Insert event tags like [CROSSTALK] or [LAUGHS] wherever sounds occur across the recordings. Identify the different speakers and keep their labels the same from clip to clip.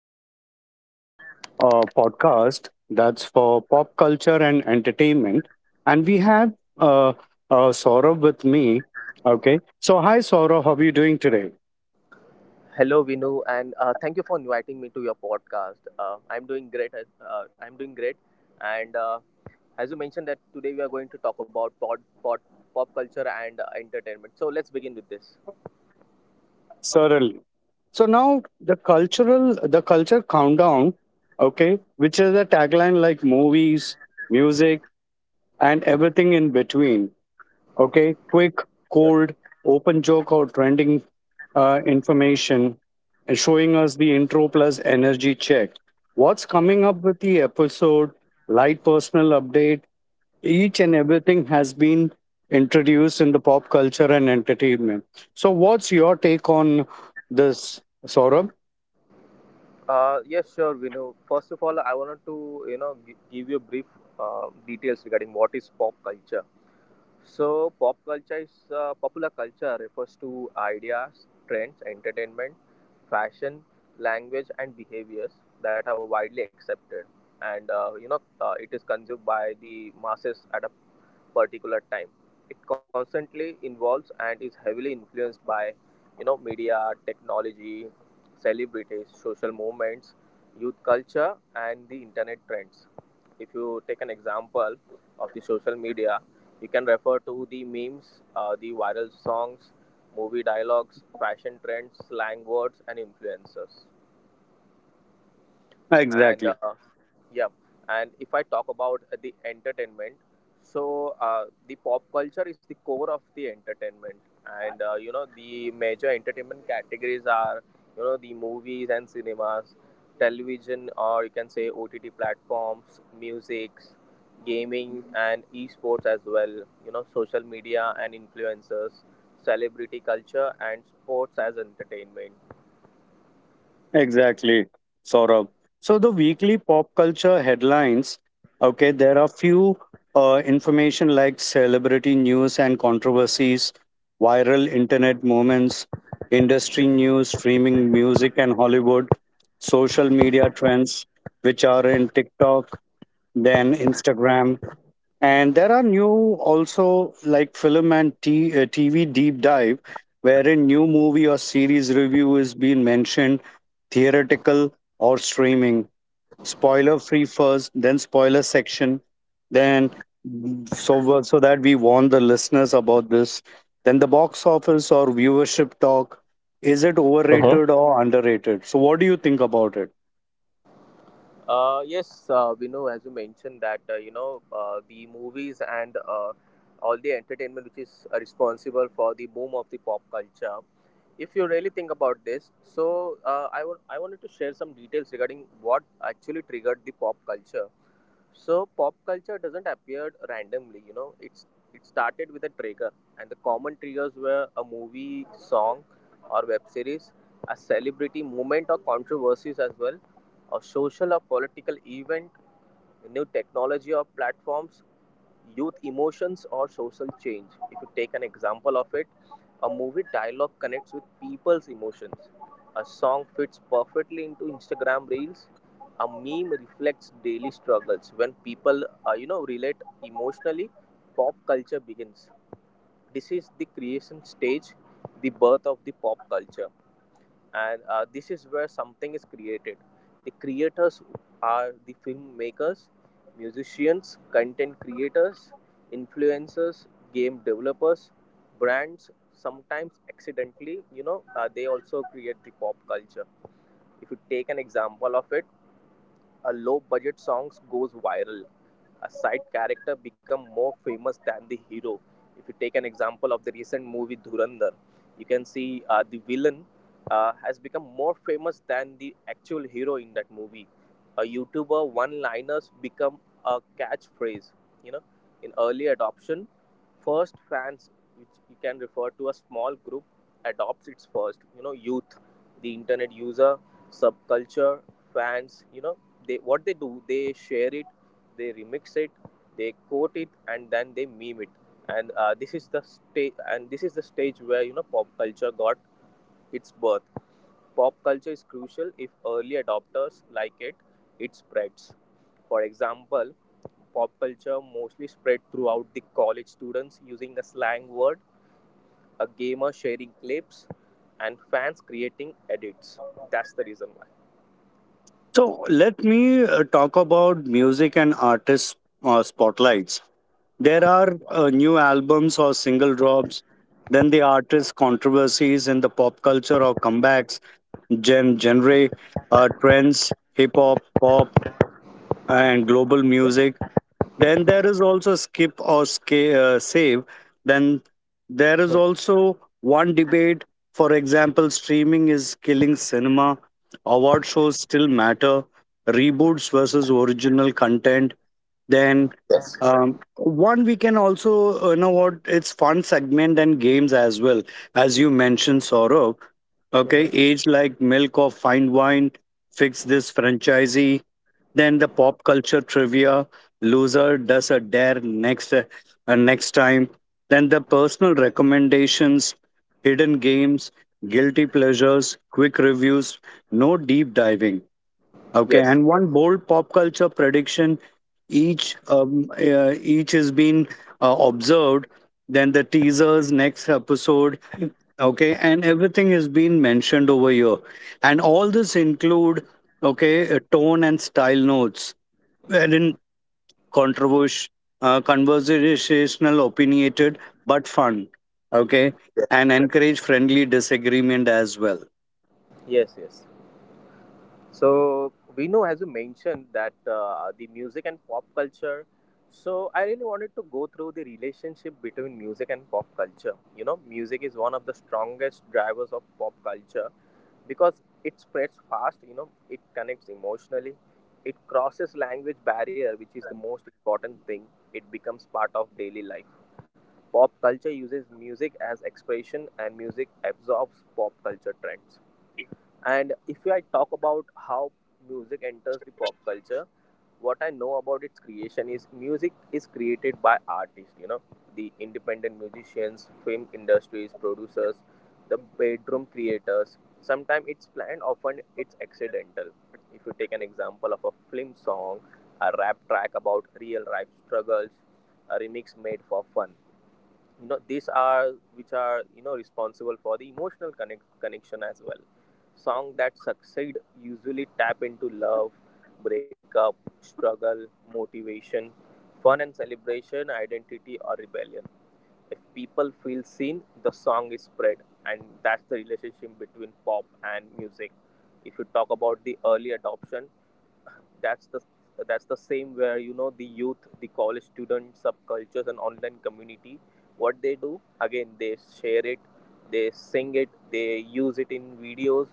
Speaker 1: starting a new podcast that's for pop culture and entertainment. And we have Saurabh with me. Okay. So, hi, Saurabh. How are you doing today?
Speaker 2: Hello, Vinu, and thank you for inviting me to your podcast. I'm doing great. I'm doing great, and as you mentioned that today we are going to talk about pop culture and entertainment. So let's begin with this.
Speaker 1: Certainly. So now the culture countdown, okay, which is a tagline like movies, music, and everything in between,
Speaker 2: Mhm.
Speaker 1: okay, quick,
Speaker 2: Yes.
Speaker 1: cold, open joke or trending information, and showing us the intro plus energy check. What's coming up with the episode, light personal update, each and everything has been introduced in the pop culture and entertainment. So, what's your take on this, Saurabh?
Speaker 2: Yes, sure, Vinu. First of all, I wanted to give you brief details regarding what is pop culture. So, pop culture is popular culture, refers to ideas, trends, entertainment, fashion, language, and behaviors that are widely accepted, and it is consumed by the masses at a particular time. It constantly involves and is heavily influenced by, media, technology, celebrities, social movements, youth culture, and the internet trends. If you take an example of the social media, you can refer to the memes, the viral songs, movie dialogues, fashion trends, slang words, and influencers. and
Speaker 1: Exactly,
Speaker 2: uh, yeah, and if I talk about the entertainment, so the pop culture is the core of the entertainment, and the major entertainment categories are the movies and cinemas, television, or you can say OTT platforms, musics, gaming and esports as well, social media and influencers, celebrity culture, and sports as entertainment.
Speaker 1: exactly, Saurabh. So the weekly pop culture headlines, okay, there are few information like celebrity news and controversies, viral internet moments, industry news, streaming music and Hollywood, social media trends, which are in TikTok, then Instagram. And there are new also like TV deep dive, wherein new movie or series review is being mentioned, theoretical or streaming. Spoiler free first, then spoiler section, then so that we warn the listeners about this. Then the box office or viewership talk. Is it overrated or underrated? So what do you think about it?
Speaker 2: Yes, we know, as you mentioned that the movies and all the entertainment which is responsible for the boom of the pop culture. If you really think about this, so I wanted to share some details regarding what actually triggered the pop culture. So pop culture doesn't appear randomly, it started with a trigger. And the common triggers were a movie, song, or web series, a celebrity movement or controversies as well, a social or political event, new technology or platforms, youth emotions, or social change. If you take an example of it, a movie dialogue connects with people's emotions. A song fits perfectly into Instagram reels. A meme reflects daily struggles. When people relate emotionally, pop culture begins. This is the creation stage, the birth of the pop culture, and this is where something is created. The creators are the filmmakers, musicians, content creators, influencers, game developers, brands. Sometimes accidentally, they also create the pop culture. If you take an example of it, a low budget songs goes viral, a side character become more famous than the hero. If you take an example of the recent movie Dhurandhar, you can see the villain has become more famous than the actual hero in that movie. A YouTuber one-liners become a catchphrase. You know, in early adoption, first fans, which you can refer to a small group, adopts its first. You know, youth, the internet user, subculture, fans. You know, they, what they do, they share it, they remix it, they quote it, and then they meme it. And this is the stage, and this is the stage where pop culture got its birth. Pop culture is crucial. If early adopters like it spreads. For example, pop culture mostly spread throughout the college students using a slang word, a gamer sharing clips, and fans creating edits. That's the reason
Speaker 1: So let me talk about music and artist spotlights. There are new albums or single drops, then the artist controversies in the pop culture or comebacks, genre, trends, hip hop, pop, and global music. Then there is also save. Then there is
Speaker 2: why.
Speaker 1: also one debate. For example, streaming is killing cinema, award shows still matter, reboots versus original content. Then one, we can also, you know what, it's fun segment and games as well. As you mentioned, Saurabh, okay,
Speaker 2: Mhm.
Speaker 1: age like milk or fine wine, fix this franchisee, then the pop culture trivia, loser does a dare next time, then the personal recommendations, hidden games, guilty pleasures, quick reviews, no deep diving. Okay,
Speaker 2: Yes.
Speaker 1: and one bold pop culture prediction, each has been observed, then the teasers next episode. Okay, and everything has been mentioned over here, and all this include, okay, tone and style notes, wherein controversial, conversational, opinionated, but fun. Okay,
Speaker 2: Yes.
Speaker 1: and encourage friendly disagreement as well.
Speaker 2: Yes. Yes. So we know, as you mentioned, that the music and pop culture. So I really wanted to go through the relationship between music and pop culture. You know, music is one of the strongest drivers of pop culture because it spreads fast. You know, it connects emotionally. It crosses language barrier, which is the most important thing. It becomes part of daily life. Pop culture uses music as expression, and music absorbs pop culture trends. And if I talk about how music enters the pop culture, what I know about its creation is music is created by artists, the independent musicians, film industries, producers, the bedroom creators. Sometimes it's planned, often it's accidental. If you take an example of a film song, a rap track about real life struggles, a remix made for fun. No, these are which are responsible for the emotional connection as well. Song that succeed usually tap into love, breakup, struggle, motivation, fun and celebration, identity or rebellion. If people feel seen, the song is spread, and that's the relationship between pop and music. If you talk about the early adoption, that's the that's the same where the youth, the college student subcultures, and online community, what they do again, they share it, they sing it, they use it in videos,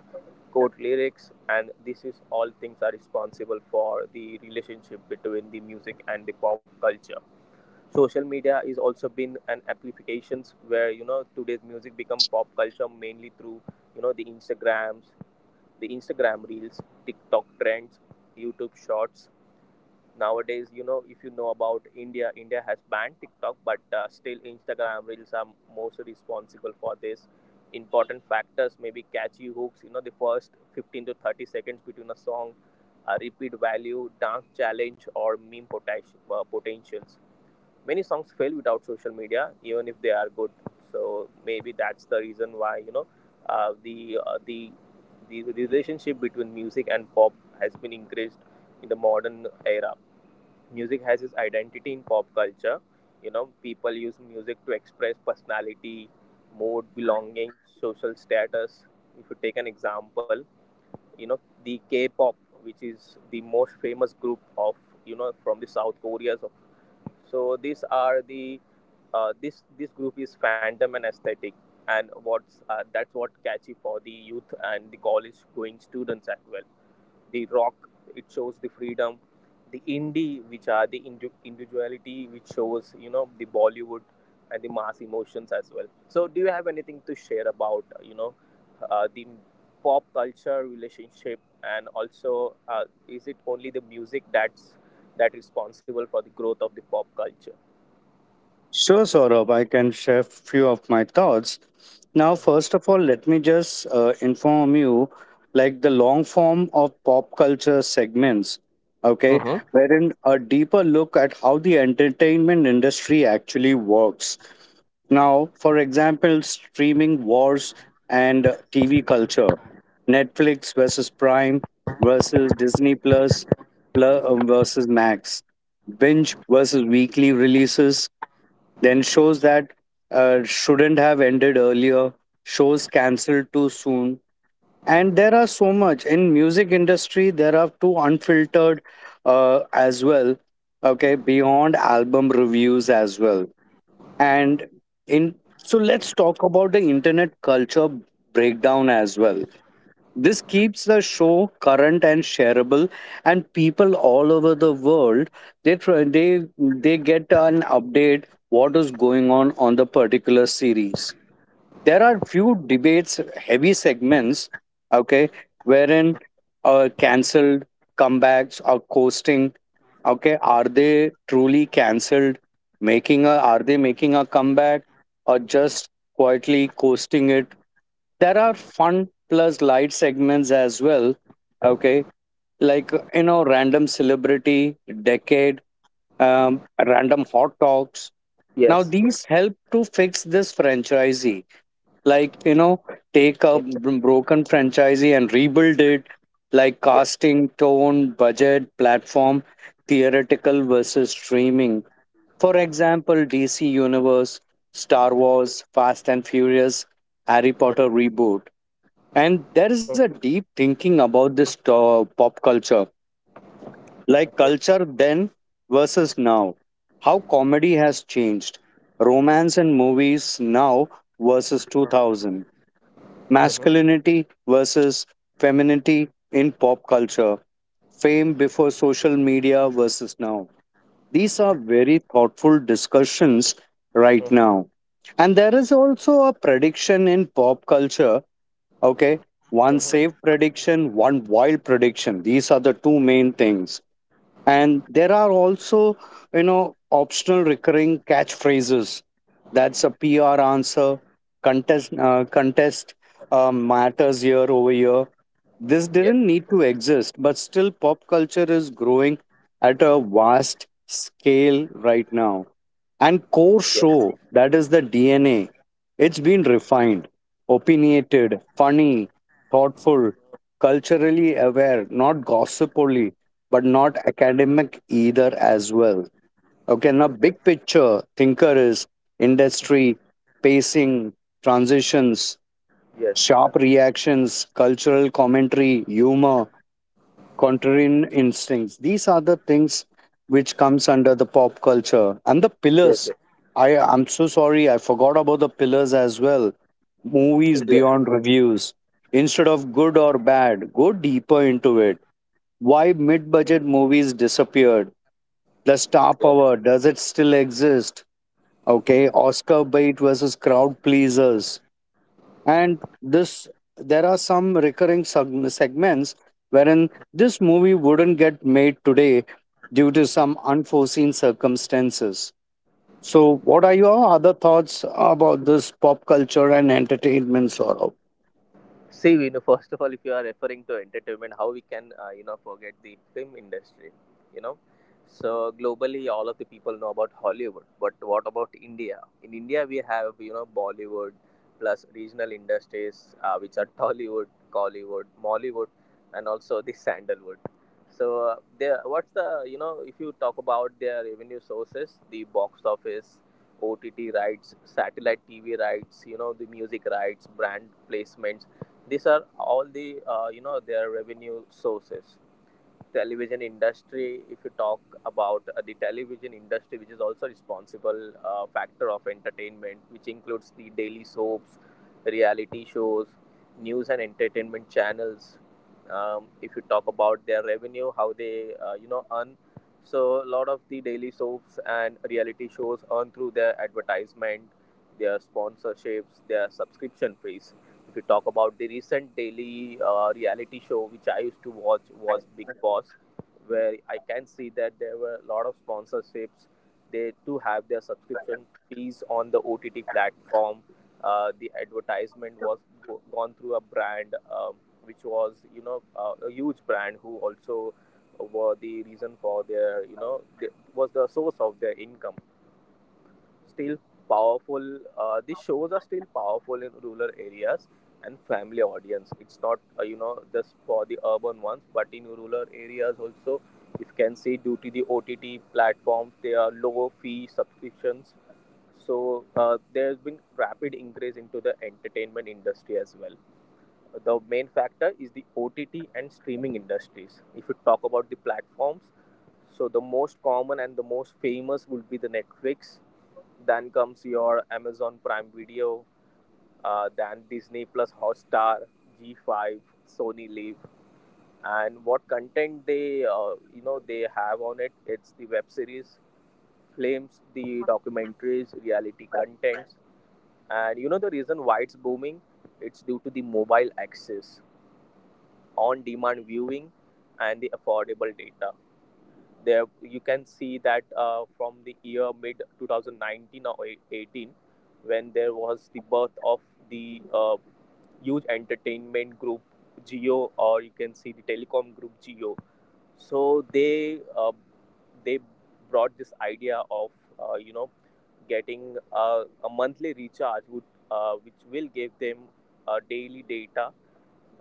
Speaker 2: quote lyrics, and this is all things are responsible for the relationship between the music and the pop culture. Social media is also been an amplifications where today's music become pop culture mainly through the instagrams, the Instagram reels, TikTok trends, YouTube shorts. Nowadays, if you know about India, has banned TikTok, but still Instagram reels are most responsible for this. Important factors maybe catchy hooks, the first 15 to 30 seconds between a song, a repeat value, dance challenge or meme potentials. Many songs fail without social media even if they are good. So maybe that's the reason why the the relationship between music and pop has been increased in the modern era. Music has its identity in pop culture. You know, people use music to express personality, mood, belonging, social status. If you take an example, you know, the K pop, which is the most famous group of, from the South Korea. So these are the, this group is fandom and aesthetic. And what's that's what catchy for the youth and the college going students as well. The rock, it shows the freedom. The indie, which are the individuality, which shows the Bollywood and the mass emotions as well. So do you have anything to share about the pop culture relationship, and also is it only the music that responsible for the growth of the pop culture?
Speaker 1: Sure, Saurabh, I can share few of my thoughts. Now,
Speaker 2: Mm-hmm.
Speaker 1: first of all, let me just inform you, like the long form of pop culture segments, okay,
Speaker 2: Mm-hmm.
Speaker 1: wherein a deeper look at how the entertainment industry actually works. Now, for example, streaming wars and TV culture, Netflix versus Prime versus pl- versus Max, binge versus weekly releases, then shows that shouldn't have ended earlier, shows cancelled too soon, and there are so much in music industry. There are two unfiltered as well. Okay, beyond album reviews as well, and in so let's talk about the internet culture breakdown as well. This keeps the show current and shareable, and people all over the world, they get an update what is going on the particular series. There are few debates, heavy segments, okay, wherein cancelled comebacks or coasting. Okay, are they truly cancelled? Making a Are they making a comeback or just quietly coasting it? There are fun plus light segments as well.
Speaker 2: Mm-hmm.
Speaker 1: Okay, like, you know, random celebrity, decade, random hot talks. Now
Speaker 2: Yes.
Speaker 1: these help to fix this franchisee. Like, you know, take a
Speaker 2: Mhm.
Speaker 1: broken franchisee and rebuild it. Like
Speaker 2: Yes.
Speaker 1: casting, tone, budget, platform, theoretical versus streaming. For example, DC Universe, Star Wars, Fast and Furious, Harry
Speaker 2: Mhm.
Speaker 1: Potter reboot, and there is a deep thinking about this pop culture, like
Speaker 2: Okay.
Speaker 1: culture then versus now, how comedy has changed, romance and movies now versus 2000,
Speaker 2: Mhm.
Speaker 1: masculinity versus femininity in pop culture, fame before social media versus now. These are very thoughtful discussions right
Speaker 2: Mhm.
Speaker 1: now. And there is also a prediction in pop culture. Okay. One
Speaker 2: Mhm.
Speaker 1: safe prediction, one wild prediction. These are the two main things, and there are also, you know, optional recurring catchphrases, that's a pr answer contest, matters year over year. This
Speaker 2: Yes.
Speaker 1: didn't need to exist, but still pop culture is growing at a vast scale right now, and core
Speaker 2: Yes.
Speaker 1: show, that is the dna, it's been refined, opinionated, funny, thoughtful, culturally aware, not gossip only, but not academic either as well. Okay, now big picture thinker is industry, pacing, transitions,
Speaker 2: Yes.
Speaker 1: sharp reactions, cultural commentary, humor, contrarian instincts. These are the things which comes under the pop culture and the
Speaker 2: Yes.
Speaker 1: pillars.
Speaker 2: Yes.
Speaker 1: I'm so sorry, I forgot about the pillars as well. Movies beyond reviews. Instead of
Speaker 2: Yes.
Speaker 1: good or bad, go deeper into it. Why mid budget movies disappeared? The star
Speaker 2: Yes.
Speaker 1: power, does it still exist? Okay, Oscar bait versus crowd pleasers. And this, there are some recurring segments wherein this movie wouldn't get made today due to some unforeseen circumstances. So, what are
Speaker 2: Yes.
Speaker 1: your other thoughts about this pop culture and entertainment sort?
Speaker 2: See, [LAUGHS] first of all, if you are referring to entertainment, how we can, forget the film industry, you know? So globally, all of the people know about Hollywood, but what about India? In India, we have, Bollywood plus regional industries, which are Tollywood, Collywood, Mollywood, and also the Sandalwood. So there, what's the, you know, if you talk about their revenue sources, the box office, OTT rights, satellite TV rights, the music rights, brand placements, these are all the their revenue sources. Television industry, if you talk about the television industry, which is also responsible factor of entertainment, which includes the daily soaps, reality shows, news and entertainment channels. If you talk about their revenue, how they earn, so a lot of the daily soaps and reality shows earn through their advertisement, their sponsorships, their subscription fees. If you talk about the recent daily reality show which I used to watch was Big Boss, where I can see that there were a lot of sponsorships. They too have their subscription fees on the OTT platform. The advertisement was gone through a brand, which was a huge brand who also were the reason for their, was the source of their income. Still powerful. These shows are still powerful in rural areas and family audience. It's not just for the urban ones, but in rural areas also, if you can see, due to the OTT platforms, they are lower fee subscriptions. So there's been rapid increase into the entertainment industry as well. The main factor is the OTT and streaming industries. If you talk about the platforms, so the most common and the most famous would be the Netflix. Then comes your Amazon Prime Video, then Disney Plus Hotstar, G5, Sony Live, and what content they they have on it. It's the web series, films, the documentaries, reality contents, and the reason why it's booming. It's due to the mobile access, on demand viewing, and the affordable data. There you can see that from the year mid 2019 or 18, when there was the birth of the huge entertainment group Geo, or you can see the telecom group Geo. So they they brought this idea of uh, you know getting a monthly recharge which will give them daily data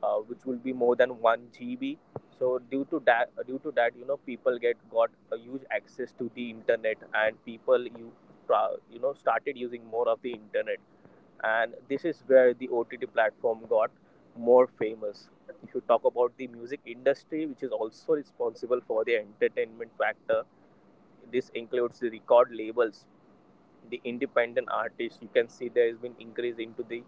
Speaker 2: which will be more than 1 GB. So due to that, people get got a huge access to the internet, and people started using more of the internet, and this is where the OTT platform got more famous. If you talk about the music industry, which is also responsible for the entertainment factor, this includes the record labels, the independent artists. You can see there has been increase into the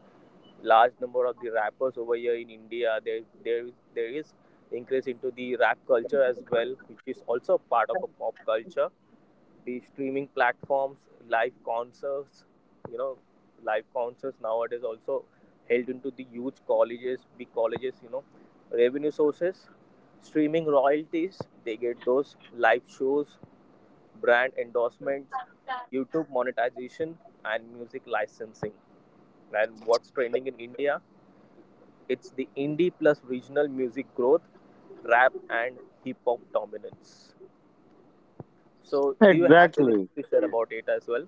Speaker 2: large number of the rappers over here in India. There is increase into the rap culture as well, which is also part of a pop culture. The streaming platforms, live concerts, you know, live concerts nowadays also held into the huge colleges, big colleges, you know, revenue sources, streaming royalties. They get those live shows, brand endorsements, YouTube monetization, and music licensing. And what's trending in India, it's the indie plus regional music growth, rap and hip hop dominance. So, do you have anything
Speaker 1: Exactly.
Speaker 2: to share about it as well?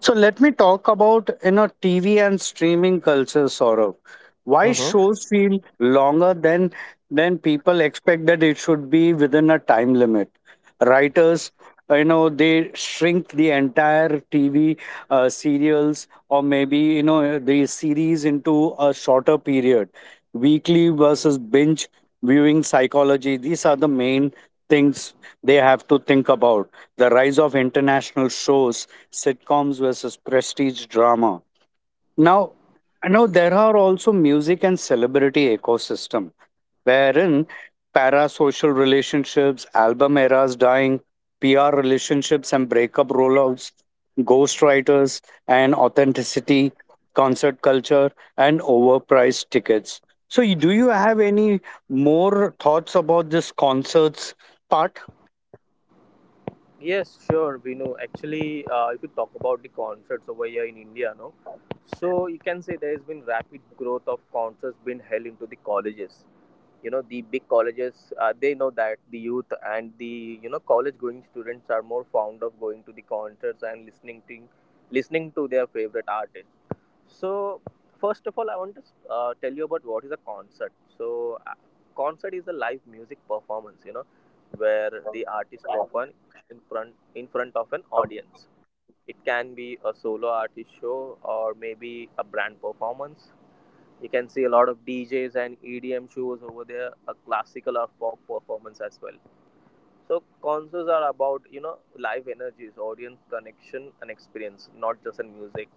Speaker 1: So let me talk about, you know, TV and streaming culture, Saurabh. Why
Speaker 2: Mhm.
Speaker 1: shows feel longer than people expect that it should be within a time limit. Writers, you know, they shrink the entire TV serials, or maybe you know the series into a shorter period. Weekly versus binge viewing psychology. These are the main things they have to think about. The rise of international shows, sitcoms versus prestige drama. Now, there are also music and celebrity ecosystem, wherein parasocial relationships, album eras dying, PR relationships and breakup rollouts, ghostwriters and authenticity, concert culture, and overpriced tickets. So, do you have any more thoughts about this concerts part?
Speaker 2: Yes, sure. We know actually. If you talk about the concerts over here in India, no, so you can say there has been rapid growth of concerts being held into the colleges. You know, the big colleges, they know that the youth and the college-going students are more fond of going to the concerts and listening to their favorite artists. So, first of all, I want to tell you about what is a concert. So, concert is a live music performance. You know where the artist perform in front of an audience. It can be a solo artist show or maybe a brand performance. You can see a lot of DJs and EDM shows over there, a classical or folk performance as well. So concerts are about, you know, live energies, audience connection and experience, not just in music.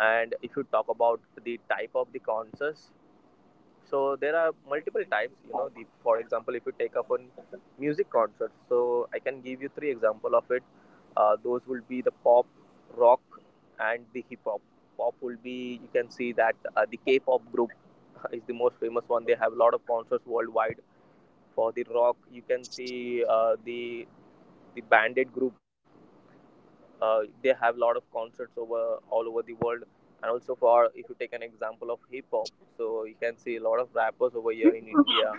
Speaker 2: And if you talk about the type of the concerts, so there are multiple types. You know, the For example, if you take up on music concerts, so I can give you three example of it. Those will be the pop, rock, and the hip hop. Pop will be, you can see that the K-pop group [LAUGHS] is the most famous one. They have a lot of concerts worldwide. For the rock, you can see the Bandit group. They have a lot of concerts over all over the world. And also, for if you take an example of hip hop, so you can see a lot of rappers over here in India.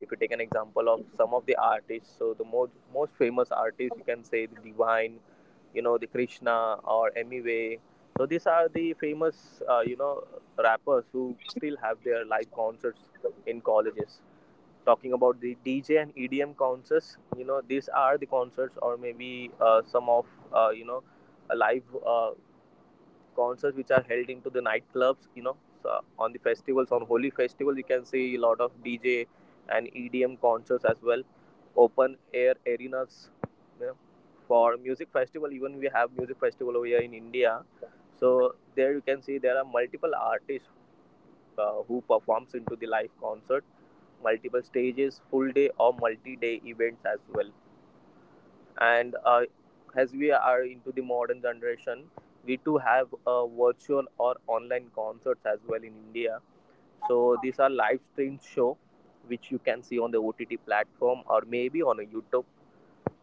Speaker 2: If you take an example of some of the artists, so the most famous artists, you can say the Divine, you know, the Krishna or Emiway. So these are the famous, rappers who still have their live concerts in colleges. Talking about the DJ and EDM concerts, you know these are the concerts, or maybe some of uh, you know a live concerts which are held into the nightclubs, you know. So on the festivals, on holy festival, you can see a lot of DJ and EDM concerts as well. Open air arenas, you know, for music festival, even we have music festival over here in India. So there you can see there are multiple artists who performs into the live concert, multiple stages, full day or multi day events as well. And as we are into the modern generation, we too have virtual or online concerts as well in India. So these are live stream show which you can see on the OTT platform, or maybe on a YouTube.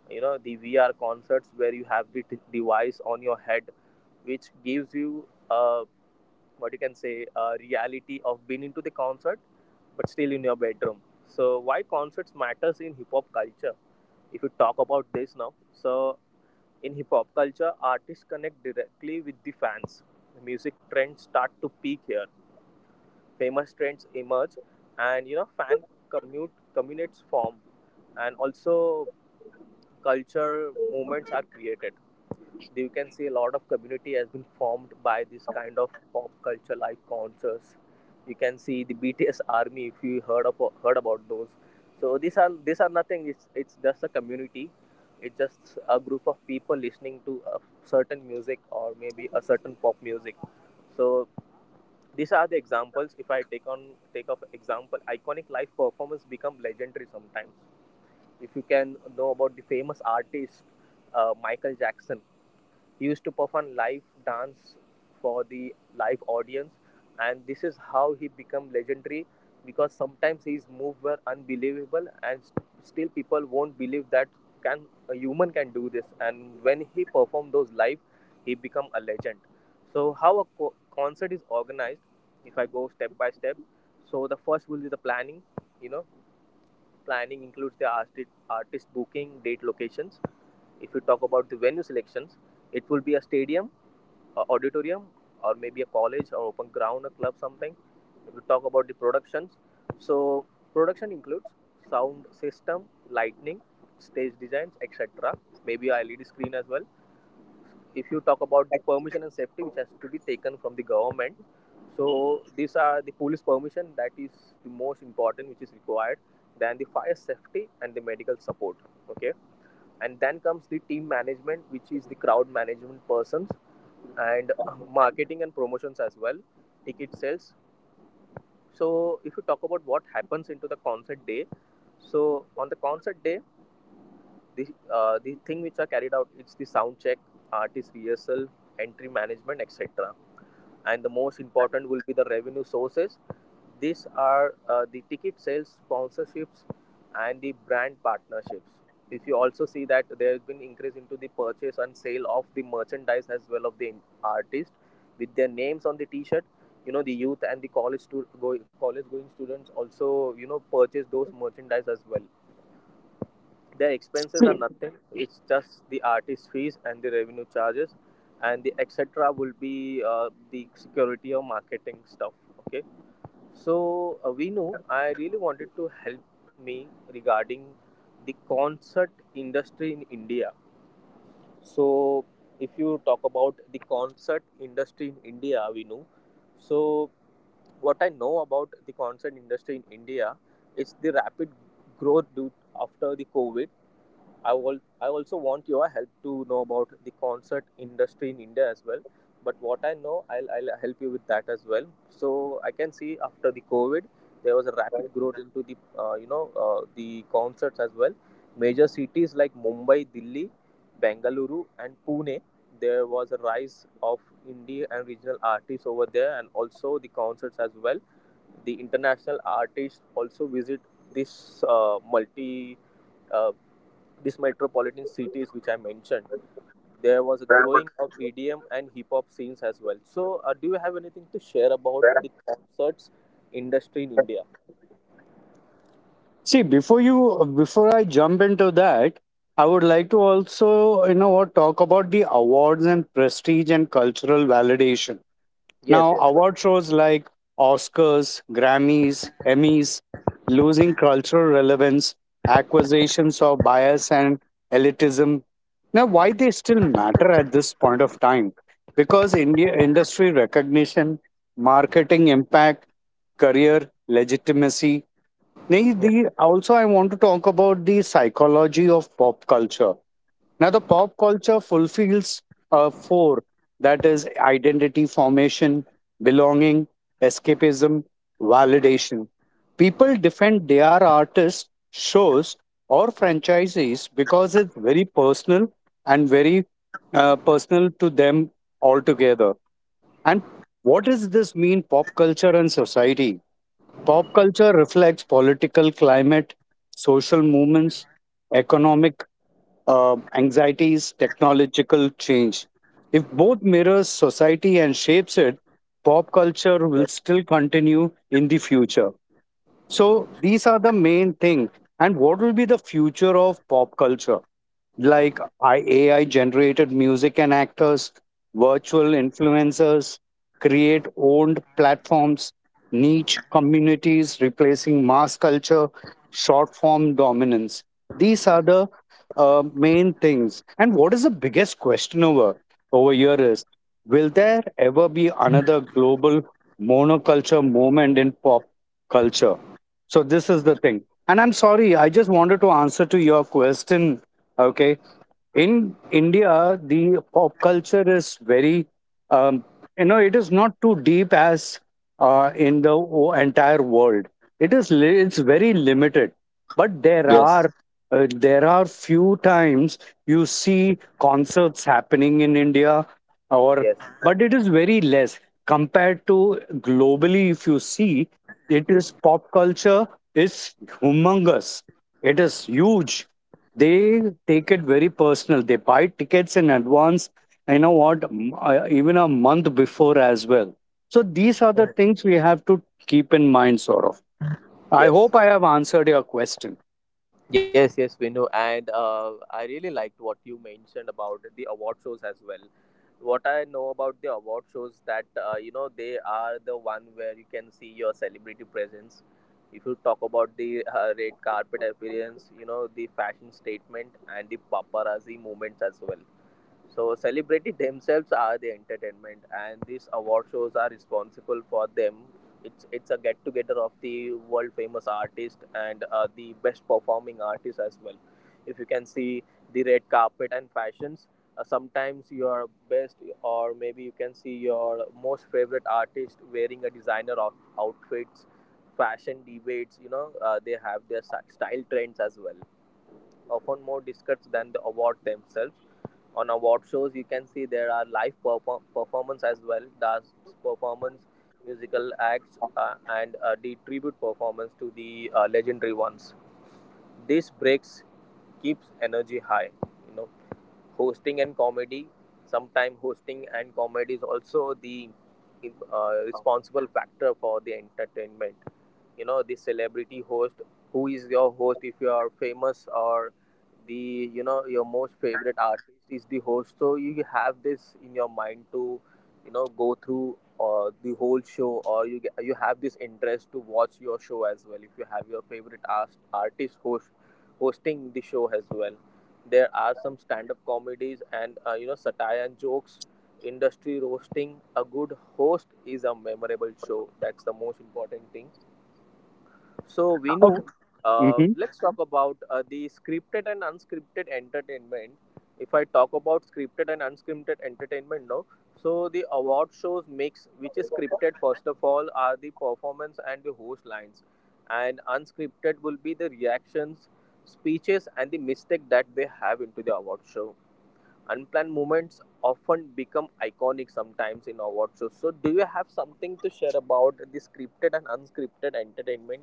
Speaker 2: You know, the VR concerts, where you have the device on your head which gives you uh, what you can say a reality of being into the concert, but still in your bedroom. So why concerts matters in hip hop culture? If you talk about this now, so in hip hop culture, artists connect directly with the fans. The music trends start to peak here. Famous trends emerge, and you know, fan commute communities form, and also culture movements are created. You can see a lot of community has been formed by this kind of pop culture live concerts. You can see the BTS army, if you heard about those. So these are nothing, it's just a community. It's just a group of people listening to a certain music, or maybe a certain pop music. So these are the examples. If I take up example, iconic live performance become legendary sometimes. If you can know about the famous artist, Michael Jackson, he used to perform live dance for the live audience, and this is how he became legendary, because sometimes his moves were unbelievable, and still people won't believe that can a human can do this. And when he performed those live, he become a legend. So how a concert is organized? If I go step by step, so the first will be the planning. You know, planning includes the artist booking, date locations. If you talk about the venue selections, it will be a stadium, a auditorium, or maybe a college or open ground, a club, something. If you talk about the productions, so production includes sound system, lighting, stage designs, etc. Maybe a LED screen as well. If you talk about the permission and safety, which has to be taken from the government, so these are the police permission, that is the most important, which is required. Then the fire safety and the medical support. Okay. And then comes the team management, which is the crowd management persons, and [LAUGHS] marketing and promotions as well, ticket sales. So if you talk about what happens into the concert day, so on the concert day, the the thing which are carried out is the sound check, artist rehearsal, entry management, etc. And the most important will be the revenue sources. These are the ticket sales, sponsorships, and the brand partnerships. If you also see that there has been increase into the purchase and sale of the merchandise as well of the artist with their names on the t-shirt. You know, the youth and the college going students also, you know, purchase those merchandise as well. Their expenses are nothing. It's just the artist fees and the revenue charges, and the etc. will be the security or marketing stuff. Okay. So, we know, I really wanted to help me regarding the concert industry in India. So if you talk about the concert industry in India, we know. So what I know about the concert industry in India is the rapid growth due after the COVID. I also want your help to know about the concert industry in India as well. But what I know, I'll help you with that as well. So I can see after the COVID, there was a rapid growth into the the concerts as well. Major cities like Mumbai, Delhi, Bengaluru, and Pune, there was a rise of indie and regional artists over there, and also the concerts as well. The international artists also visit this multi uh, these metropolitan cities which I mentioned. There was a growing of EDM and hip hop scenes as well. So, do you have anything to share about the concerts industry in India?
Speaker 1: See, before I jump into that, I would like to also, you know what, talk about the awards and prestige and cultural validation.
Speaker 2: Yes,
Speaker 1: Now,
Speaker 2: yes.
Speaker 1: award shows like Oscars, Grammys, Emmys, losing cultural relevance, accusations of bias and elitism. Now, why they still matter at this point of time? Because India industry recognition, marketing impact, career legitimacy. Nahi,
Speaker 2: Hmm.
Speaker 1: the, also, I want to talk about the psychology of pop culture. Now, the pop culture fulfills four, that is, identity formation, belonging, escapism, validation. People defend their artists, shows, or franchises because it's very personal and very personal to them altogether. And what does this mean, pop culture and society? Pop culture reflects political climate, social movements, economic anxieties, technological change. If both mirrors society and shapes it, pop culture will
Speaker 2: Yes,
Speaker 1: still continue in the future. So these are the main thing. And what will be the future of pop culture? Like, AI generated music and actors, virtual influencers, create owned platforms, niche communities replacing mass culture, short form dominance. These are the main things. And what is the biggest question over here is, will there ever be another global monoculture moment in pop culture? So, this is the thing. And I'm sorry, I just wanted to answer to your question. Okay. In India, the pop culture is very, um, you know, it is not too deep as in the entire world. It is it's very limited, but
Speaker 2: yes.
Speaker 1: there are few times you see concerts happening in India, or,
Speaker 2: Yes.
Speaker 1: but it is very less compared to globally. If you see, it is pop culture is humongous. It is huge. They take it very personal. They buy tickets in advance, you know what, even a month before as well. So these are the
Speaker 2: Mhm.
Speaker 1: things we have to keep in mind sort of. I hope I
Speaker 2: Yes.
Speaker 1: have answered your question.
Speaker 2: Yes, yes, we know. And I really liked what you mentioned about the award shows as well. What I know about the award shows, that you know, they are the one where you can see your celebrity presence. If you talk about the red carpet appearance, you know, the fashion statement and the paparazzi moments as well. So celebrity themselves are the entertainment, and these award shows are responsible for them. It's a get together of the world famous artists and the best performing artists as well. If you can see the red carpet and fashions, sometimes your best, or maybe you can see your most favorite artist wearing a designer outfits, fashion debates. You know, they have their style trends as well, often more discussed than the award themselves. On award shows, you can see there are live perform performance as well, dance performance, musical acts, and the tribute performance to the legendary ones. This breaks Keeps energy high. You know, hosting and comedy. Sometimes hosting and comedy is also the responsible factor for the entertainment. You know, the celebrity host, who is your host, if you are famous, or the, you know, your most favorite artist is the host, so you have this in your mind to, you know, go through the whole show, or you you have this interest to watch your show as well if you have your favorite artist hosting the show as well. There are some stand-up comedies and, you know, satire and jokes, industry roasting. A good host is a memorable show, that's the most important thing. So, Vinu,
Speaker 1: Okay.
Speaker 2: let's talk about the scripted and unscripted entertainment. If I talk about scripted and unscripted entertainment now, so the award shows mix, which is scripted first of all, are the performance and the host lines, and unscripted will be the reactions, speeches, and the mistake that they have into the award show. Unplanned moments often become iconic sometimes in award shows. So, do you have something to share about the scripted and unscripted entertainment?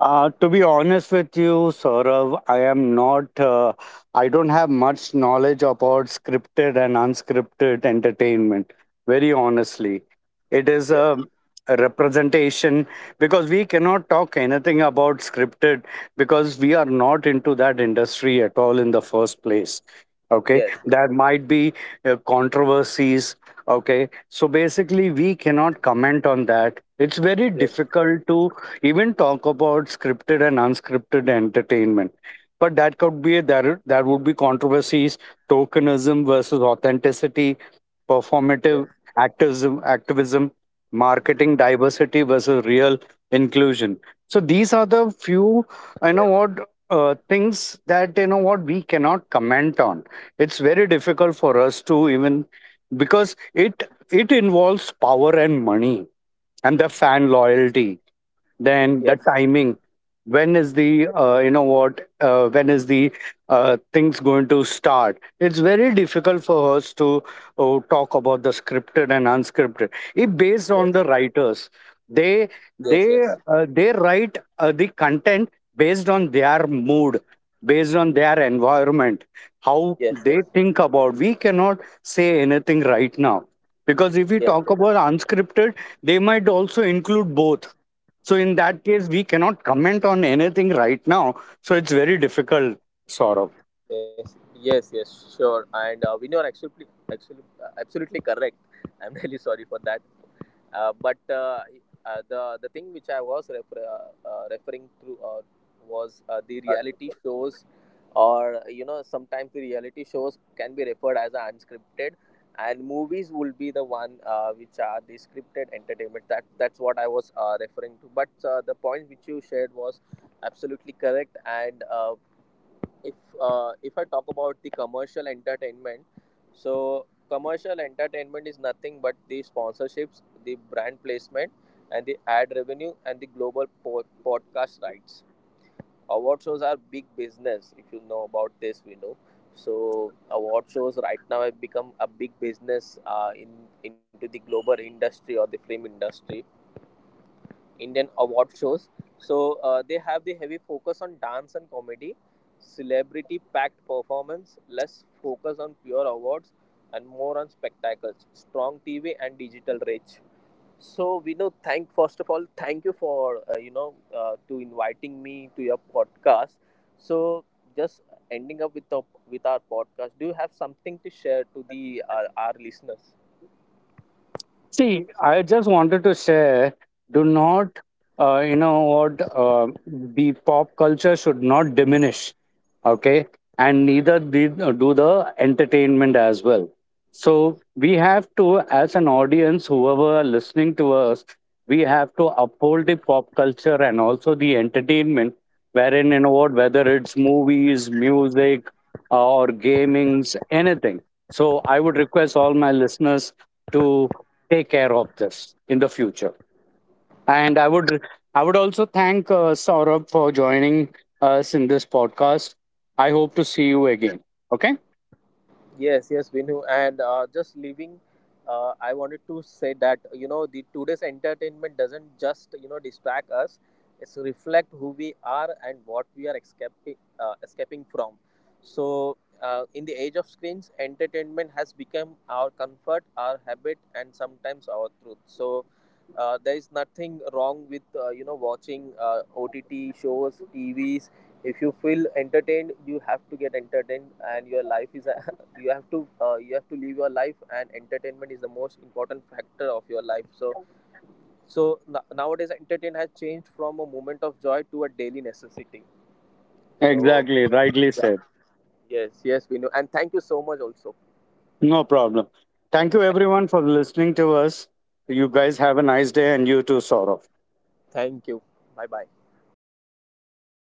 Speaker 1: To be honest with you, Saurav, I am not, I don't have much knowledge about scripted and unscripted entertainment, very honestly. It is
Speaker 2: Yes.
Speaker 1: a representation because we cannot talk anything about scripted because we are not into that industry at all in the first place. Okay,
Speaker 2: Yes,
Speaker 1: there might be controversies. Okay, so basically, we cannot comment on that. It's very
Speaker 2: yes,
Speaker 1: difficult to even talk about scripted and unscripted entertainment, but that could be there, there would be controversies, tokenism versus authenticity, performative
Speaker 2: yes,
Speaker 1: activism, marketing diversity versus real inclusion. So these are the
Speaker 2: yes,
Speaker 1: few, you know what, things that, you know what, we cannot comment on. It's very difficult for us to even, because it involves power and money and the fan loyalty, then
Speaker 2: yes,
Speaker 1: the
Speaker 2: yes,
Speaker 1: timing, when is the, you know what, when is the things going to start. It's very difficult for us to talk about the scripted and unscripted. It based on
Speaker 2: yes,
Speaker 1: the
Speaker 2: yes,
Speaker 1: writers, they
Speaker 2: yes,
Speaker 1: they
Speaker 2: yes, yes,
Speaker 1: they write the content based on their mood, based on their environment, how
Speaker 2: yes,
Speaker 1: they
Speaker 2: yes,
Speaker 1: think about, we cannot say anything right now, because if we talk
Speaker 2: yes, yes,
Speaker 1: about unscripted, they might also include both. So in that case, we cannot comment on anything right now. So it's very difficult, sort of.
Speaker 2: Yes, yes, yes, sure. And Vinay, you're absolutely correct. I'm [LAUGHS] really sorry for that. But the thing which I was referring to was the reality shows, or you know, sometimes the reality shows can be referred as a unscripted, and movies will be the one which are the scripted entertainment. That's what I was referring to. But the point which you shared was absolutely correct, and. If if I talk about the commercial entertainment, so commercial entertainment is nothing but the sponsorships, the brand placement, and the ad revenue, and the global podcast rights. Award shows are big business. If you know about this, we know. So award shows right now have become a big business in into the global industry or the film industry. Indian award shows, so they have the heavy focus on dance and comedy, celebrity packed performance, less focus on pure awards, and more on spectacles, strong TV and digital reach. So we know. Thank First of all, thank you for to inviting me to your podcast. So, just ending up with with our podcast. Do you have something to share to our listeners?
Speaker 1: See, I just wanted to say, do not, you know what, the pop culture should not diminish. Okay, and neither did, do the entertainment as well. So we have to, as an audience, whoever are listening to us, we have to uphold the pop culture and also the entertainment, wherein, you know what, whether it's movies, music, or gamings, anything. So I would request all my listeners to take care of this in the future. And I would, I would also thank Saurabh for joining us in this podcast. I hope to see you again. Okay?
Speaker 2: Yes, yes, Vinu. And just leaving, I wanted to say that, you know, the today's entertainment doesn't just, you know, distract us; it's reflect who we are and what we are escaping from. So, in the age of screens, entertainment has become our comfort, our habit, and sometimes our truth. So, there is nothing wrong with, watching, OTT shows, TV. If you feel entertained, you have to get entertained, and your life is a, [LAUGHS] you have to live your life, and entertainment is the most important factor of your life. So nowadays entertainment has changed from a moment of joy to a daily necessity. So,
Speaker 1: Exactly, rightly
Speaker 2: yeah.
Speaker 1: said.
Speaker 2: Yes, yes, we know, and thank you so much also.
Speaker 1: No problem.
Speaker 2: Yeah,
Speaker 1: Thank you
Speaker 2: thank you.
Speaker 1: everyone for listening to us. You guys have a nice day, and you too, Saurabh.
Speaker 2: Thank you. Bye bye.